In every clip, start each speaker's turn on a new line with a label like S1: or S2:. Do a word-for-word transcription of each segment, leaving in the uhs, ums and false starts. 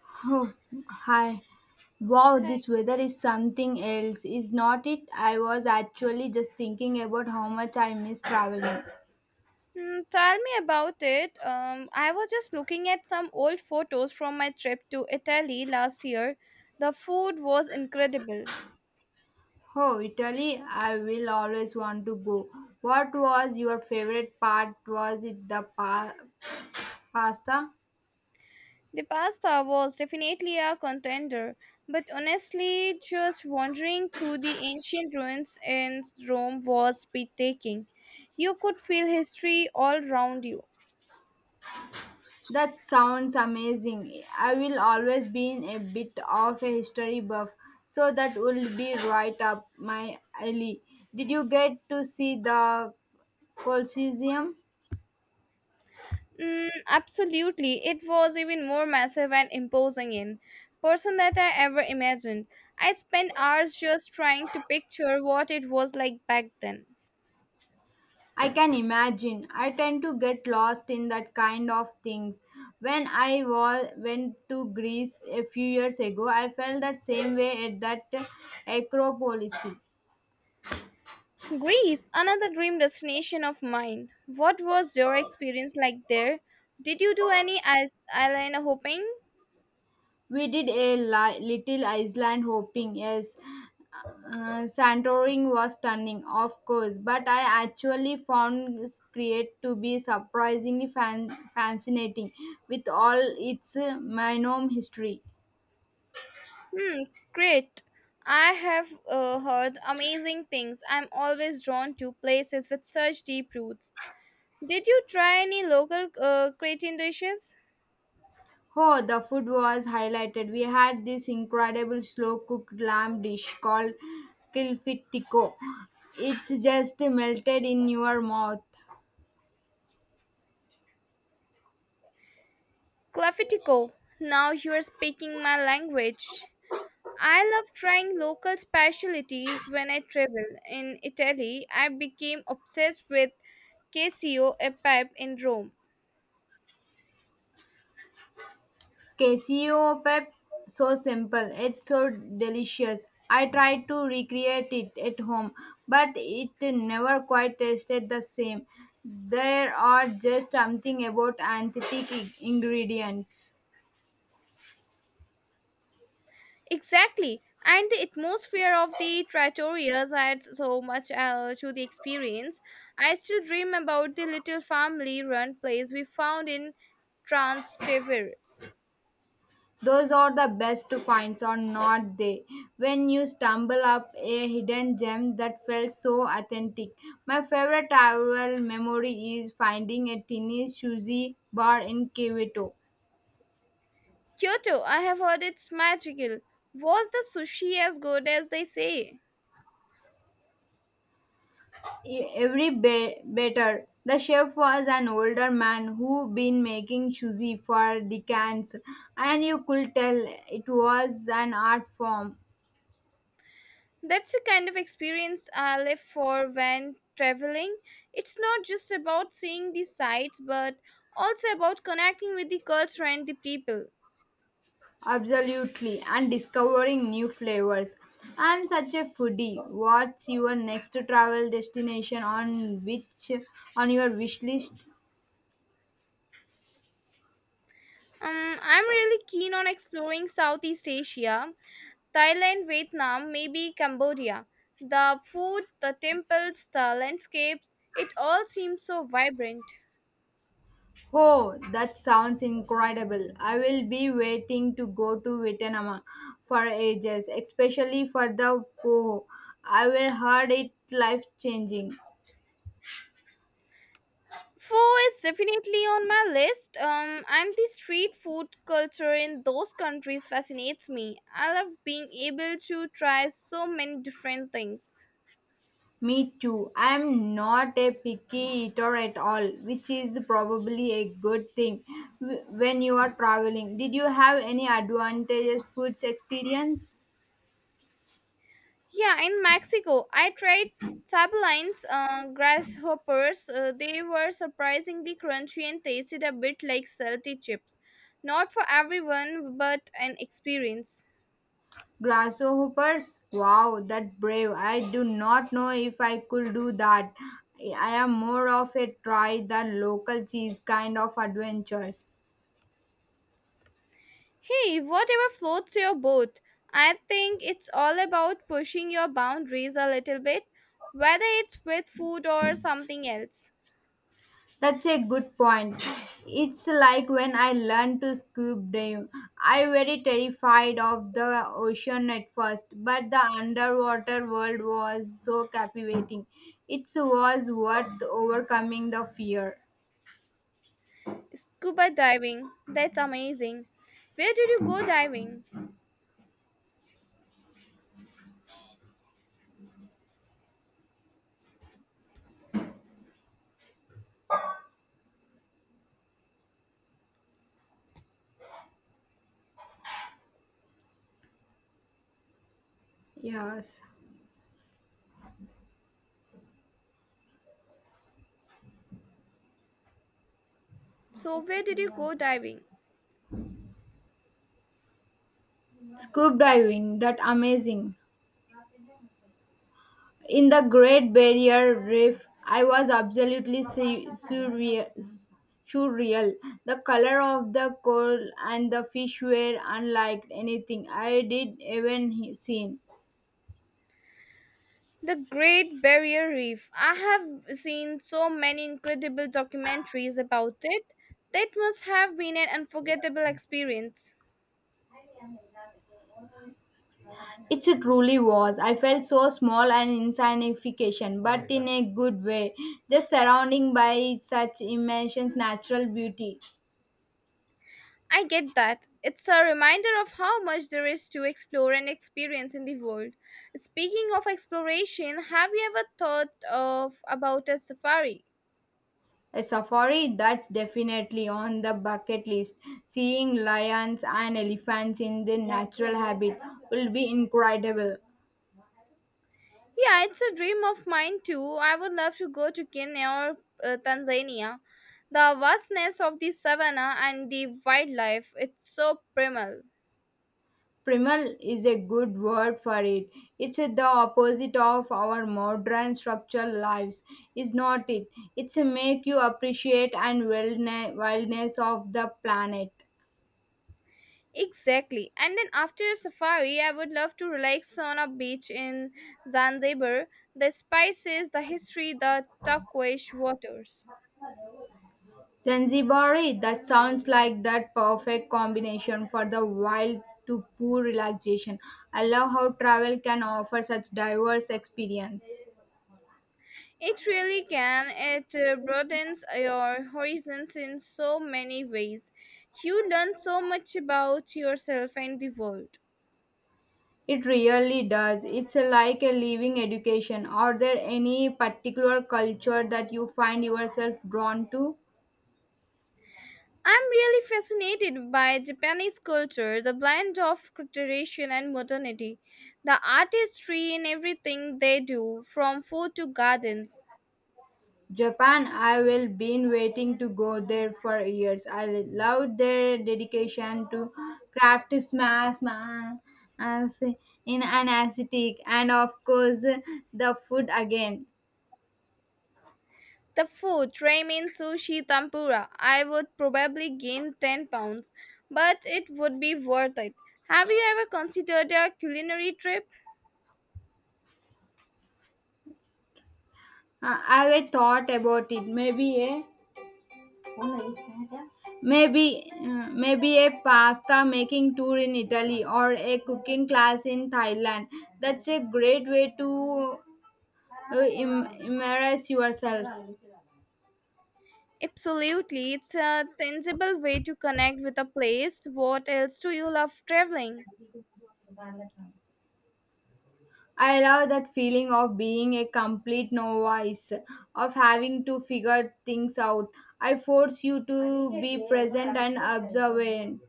S1: Oh, hi. Wow,
S2: Hi.
S1: this weather is something else, is not it? I was actually just thinking about how much I miss traveling.
S2: Mm, tell me about it. Um, I was just looking at some old photos from my trip to Italy last year. The food was incredible.
S1: Oh, Italy, I will always want to go. What was your favorite part? Was it the pa- pasta?
S2: The pasta was definitely a contender, but honestly, just wandering through the ancient ruins in Rome was breathtaking. You could feel history all around you.
S1: That sounds amazing. I will always been a bit of a history buff, so that will be right up my alley. Did you get to see the Colosseum?
S2: Mm, absolutely. It was even more massive and imposing in person than I ever imagined. I spent hours just trying to picture what it was like back then.
S1: I can imagine. I tend to get lost in that kind of things. When I was went to Greece a few years ago, I felt that same way at that Acropolis.
S2: Greece, another dream destination of mine. What was your experience like there? Did you do any eyes- eyeliner hopping?
S1: We did a li- little Iceland, hopping. Yes, uh, Santorini was stunning, of course, but I actually found Crete to be surprisingly fan- fascinating with all its uh, minor history.
S2: Hmm, great. I have uh, heard amazing things. I'm always drawn to places with such deep roots. Did you try any local uh, creatine dishes?
S1: Oh, the food was highlighted. We had this incredible slow cooked lamb dish called Kilfit Tico. It's just melted in your mouth.
S2: Clafitico, now you're speaking my language. I love trying local specialties when I travel. In Italy, I became obsessed with Casio, a pipe in Rome.
S1: Casio pep, so simple. It's so delicious. I tried to recreate it at home, but it never quite tasted the same. There are just something about authentic ingredients.
S2: Exactly. And the atmosphere of the trattorias adds so much uh, to the experience. I still dream about the little family run place we found in Trastevere.
S1: Those are the best finds, are not they? When you stumble up a hidden gem that felt so authentic. My favorite travel memory is finding a tiny sushi bar in Kyoto.
S2: Kyoto, I have heard it's magical. Was the sushi as good as they say?
S1: E- Every ba- better. The chef was an older man who had been making sushi for decades, and you could tell it was an art form.
S2: That's the kind of experience I live for when traveling. It's not just about seeing the sights, but also about connecting with the culture and the people.
S1: Absolutely, and discovering new flavors. I'm such a foodie. What's your next travel destination on which on your wish list?
S2: Um, I'm really keen on exploring Southeast Asia, Thailand, Vietnam, maybe Cambodia. The food, the temples, the landscapes, it all seems so vibrant.
S1: Oh, that sounds incredible. I will be waiting to go to Vietnam for ages, especially for the po. I will heard it life changing.
S2: Pho is definitely on my list, um, and the street food culture in those countries fascinates me. I love being able to try so many different things.
S1: Me too. I'm not a picky eater at all, which is probably a good thing w- when you are traveling. Did you have any advantageous foods experience?
S2: Yeah, in Mexico, I tried tabalines, uh, grasshoppers. Uh, they were surprisingly crunchy and tasted a bit like salty chips. Not for everyone, but an experience.
S1: Grasshoppers? Wow, that brave. I do not know if I could do that. I I am more of a try than local cheese kind of adventures.
S2: Hey, whatever floats your boat. I think it's all about pushing your boundaries a little bit, whether it's with food or something else.
S1: That's a good point. It's like when I learned to scuba dive. I very terrified of the ocean at first, but the underwater world was so captivating. It was worth overcoming the fear.
S2: Scuba diving, that's amazing. Where did you go diving?
S1: Yes.
S2: So, where did you go diving?
S1: Scuba diving, that amazing. In the Great Barrier Reef, I was absolutely su- surreal. Surreal. The color of the coral and the fish were unlike anything I did even he- seen.
S2: The Great Barrier Reef. I have seen so many incredible documentaries about it. That must have been an unforgettable experience.
S1: It truly was. I felt so small and insignificant, but in a good way. Just surrounding by such immense natural beauty.
S2: I get that. It's a reminder of how much there is to explore and experience in the world. Speaking of exploration, have you ever thought of about a safari?
S1: A safari, that's definitely on the bucket list. Seeing lions and elephants in their natural habitat will be incredible.
S2: Yeah, it's a dream of mine too. I would love to go to Kenya or uh, Tanzania. The vastness of the savannah and the wildlife, it's so primal.
S1: Primal is a good word for it. It's the opposite of our modern structured lives, is not it? It's a make you appreciate and wellness, wildness of the planet.
S2: Exactly. And then after a safari, I would love to relax on a beach in Zanzibar. The spices, the history, the turquoise waters.
S1: Zanzibari, that sounds like that perfect combination for the wild to poor relaxation. I love how travel can offer such diverse experience.
S2: It really can. It uh, broadens your horizons in so many ways. You learn so much about yourself and the world.
S1: It really does. It's like a living education. Are there any particular culture that you find yourself drawn to?
S2: I'm really fascinated by Japanese culture, the blend of tradition and modernity, the artistry in everything they do, from food to gardens.
S1: Japan, I will been waiting to go there for years. I love their dedication to craft smash ma- as in an aesthetic and of course the food again.
S2: The food, ramen, sushi, tempura, I would probably gain ten pounds, but it would be worth it. Have you ever considered a culinary trip?
S1: Uh, I have thought about it. Maybe a maybe uh, maybe a pasta making tour in Italy or a cooking class in Thailand. That's a great way to uh, im- immerse yourself.
S2: Absolutely, it's a tangible way to connect with a place. What else do you love traveling?
S1: I love that feeling of being a complete novice, of having to figure things out. I force you to be present and observant.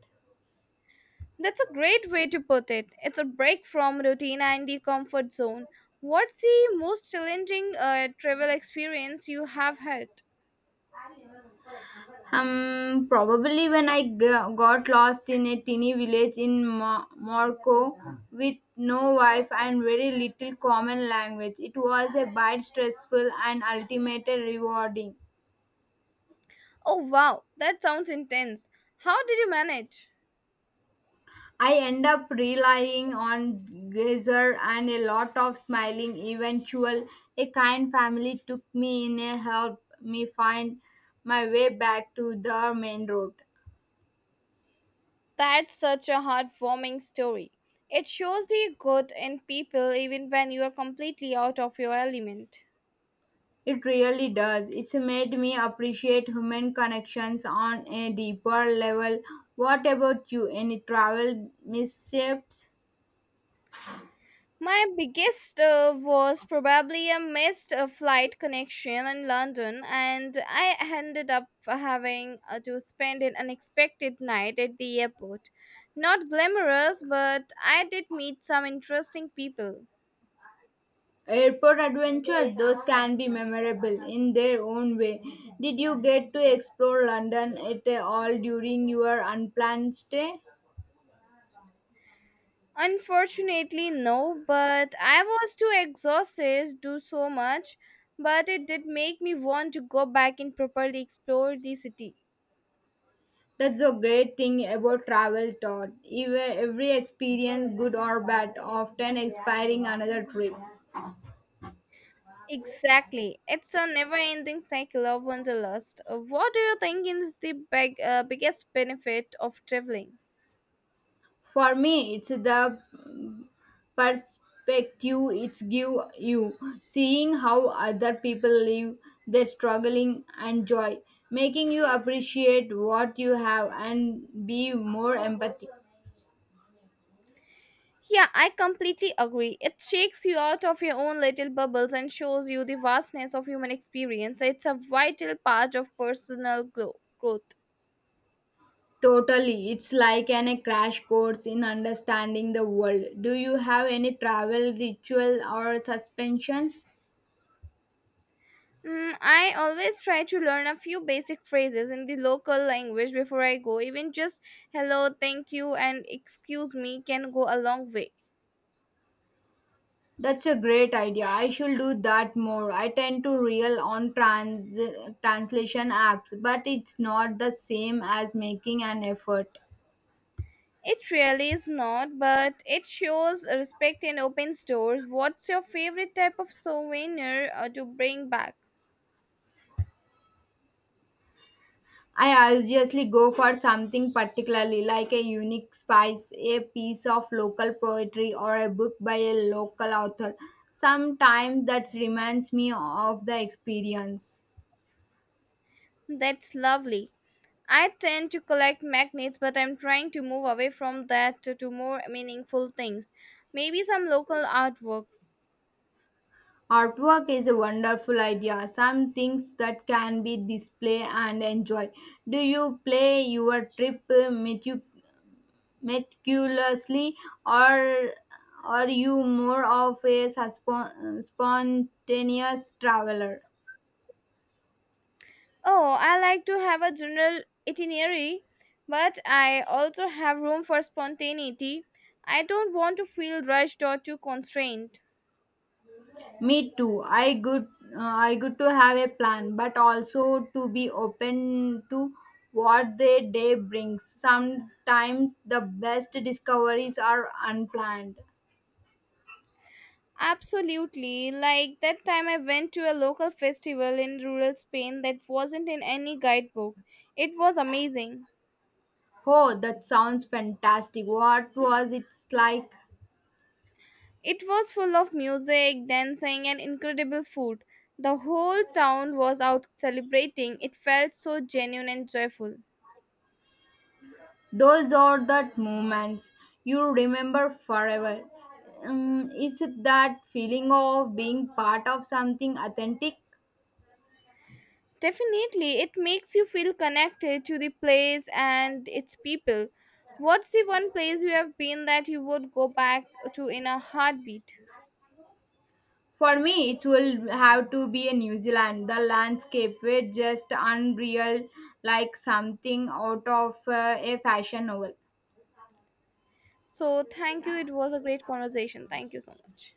S2: That's a great way to put it. It's a break from routine and the comfort zone. What's the most challenging uh, travel experience you have had?
S1: Um, probably when I g- got lost in a teeny village in Mo- Morocco with no wife and very little common language, it was a bit stressful and ultimately rewarding.
S2: Oh wow, that sounds intense. How did you manage?
S1: I end up relying on geyser and a lot of smiling. Eventual, a kind family took me in and helped me find my way back to the main road.
S2: That's such a heartwarming story. It shows the good in people even when you are completely out of your element.
S1: It really does. It's made me appreciate human connections on a deeper level. What about you? Any travel missteps?
S2: My biggest uh, was probably a missed uh, flight connection in London, and I ended up having uh, to spend an unexpected night at the airport. Not glamorous, but I did meet some interesting people.
S1: Airport adventure, those can be memorable in their own way. Did you get to explore London at all during your unplanned stay?
S2: Unfortunately, no, but I was too exhausted to do so much, but it did make me want to go back and properly explore the city.
S1: That's a great thing about travel, Todd. Even every experience, good or bad, often inspiring another trip.
S2: Exactly. It's a never ending cycle of wanderlust. Uh, What do you think is the big, uh, biggest benefit of traveling?
S1: For me, it's the perspective it's give you, seeing how other people live, their struggling and joy, making you appreciate what you have and be more empathic.
S2: Yeah, I completely agree. It shakes you out of your own little bubbles and shows you the vastness of human experience. It's a vital part of personal glo- growth.
S1: Totally, it's like an a crash course in understanding the world. Do you have any travel ritual or suspensions?
S2: Mm, I always try to learn a few basic phrases in the local language before I go. Even just hello, thank you, and excuse me can go a long way.
S1: That's a great idea. I should do that more. I tend to rely on trans translation apps, but it's not the same as making an effort.
S2: It really is not, but it shows respect and opens doors. What's your favorite type of souvenir uh, to bring back?
S1: I obviously go for something particularly like a unique spice, a piece of local poetry, or a book by a local author. Sometimes that reminds me of the experience.
S2: That's lovely. I tend to collect magnets, but I'm trying to move away from that to, to more meaningful things. Maybe some local artwork.
S1: Artwork is a wonderful idea, some things that can be displayed and enjoy. Do you play your trip uh, meticu- meticulously, or are you more of a suspo- spontaneous traveler?
S2: Oh, I like to have a general itinerary, but I also have room for spontaneity. I don't want to feel rushed or too constrained.
S1: Me too. I good uh, I good to have a plan, but also to be open to what the day brings. Sometimes the best discoveries are unplanned.
S2: Absolutely. Like that time I went to a local festival in rural Spain that wasn't in any guidebook. It was amazing.
S1: Oh, that sounds fantastic. What was it like?
S2: It was full of music, dancing, and incredible food. The whole town was out celebrating. It felt so genuine and joyful.
S1: Those are the moments you remember forever. Um, it's that feeling of being part of something authentic.
S2: Definitely, it makes you feel connected to the place and its people. What's the one place you have been that you would go back to in a heartbeat?
S1: For me, it will have to be in New Zealand. The landscape were just unreal, like something out of uh, a fashion novel.
S2: So, thank you.
S1: Yeah.
S2: It was a great conversation. Thank you so much.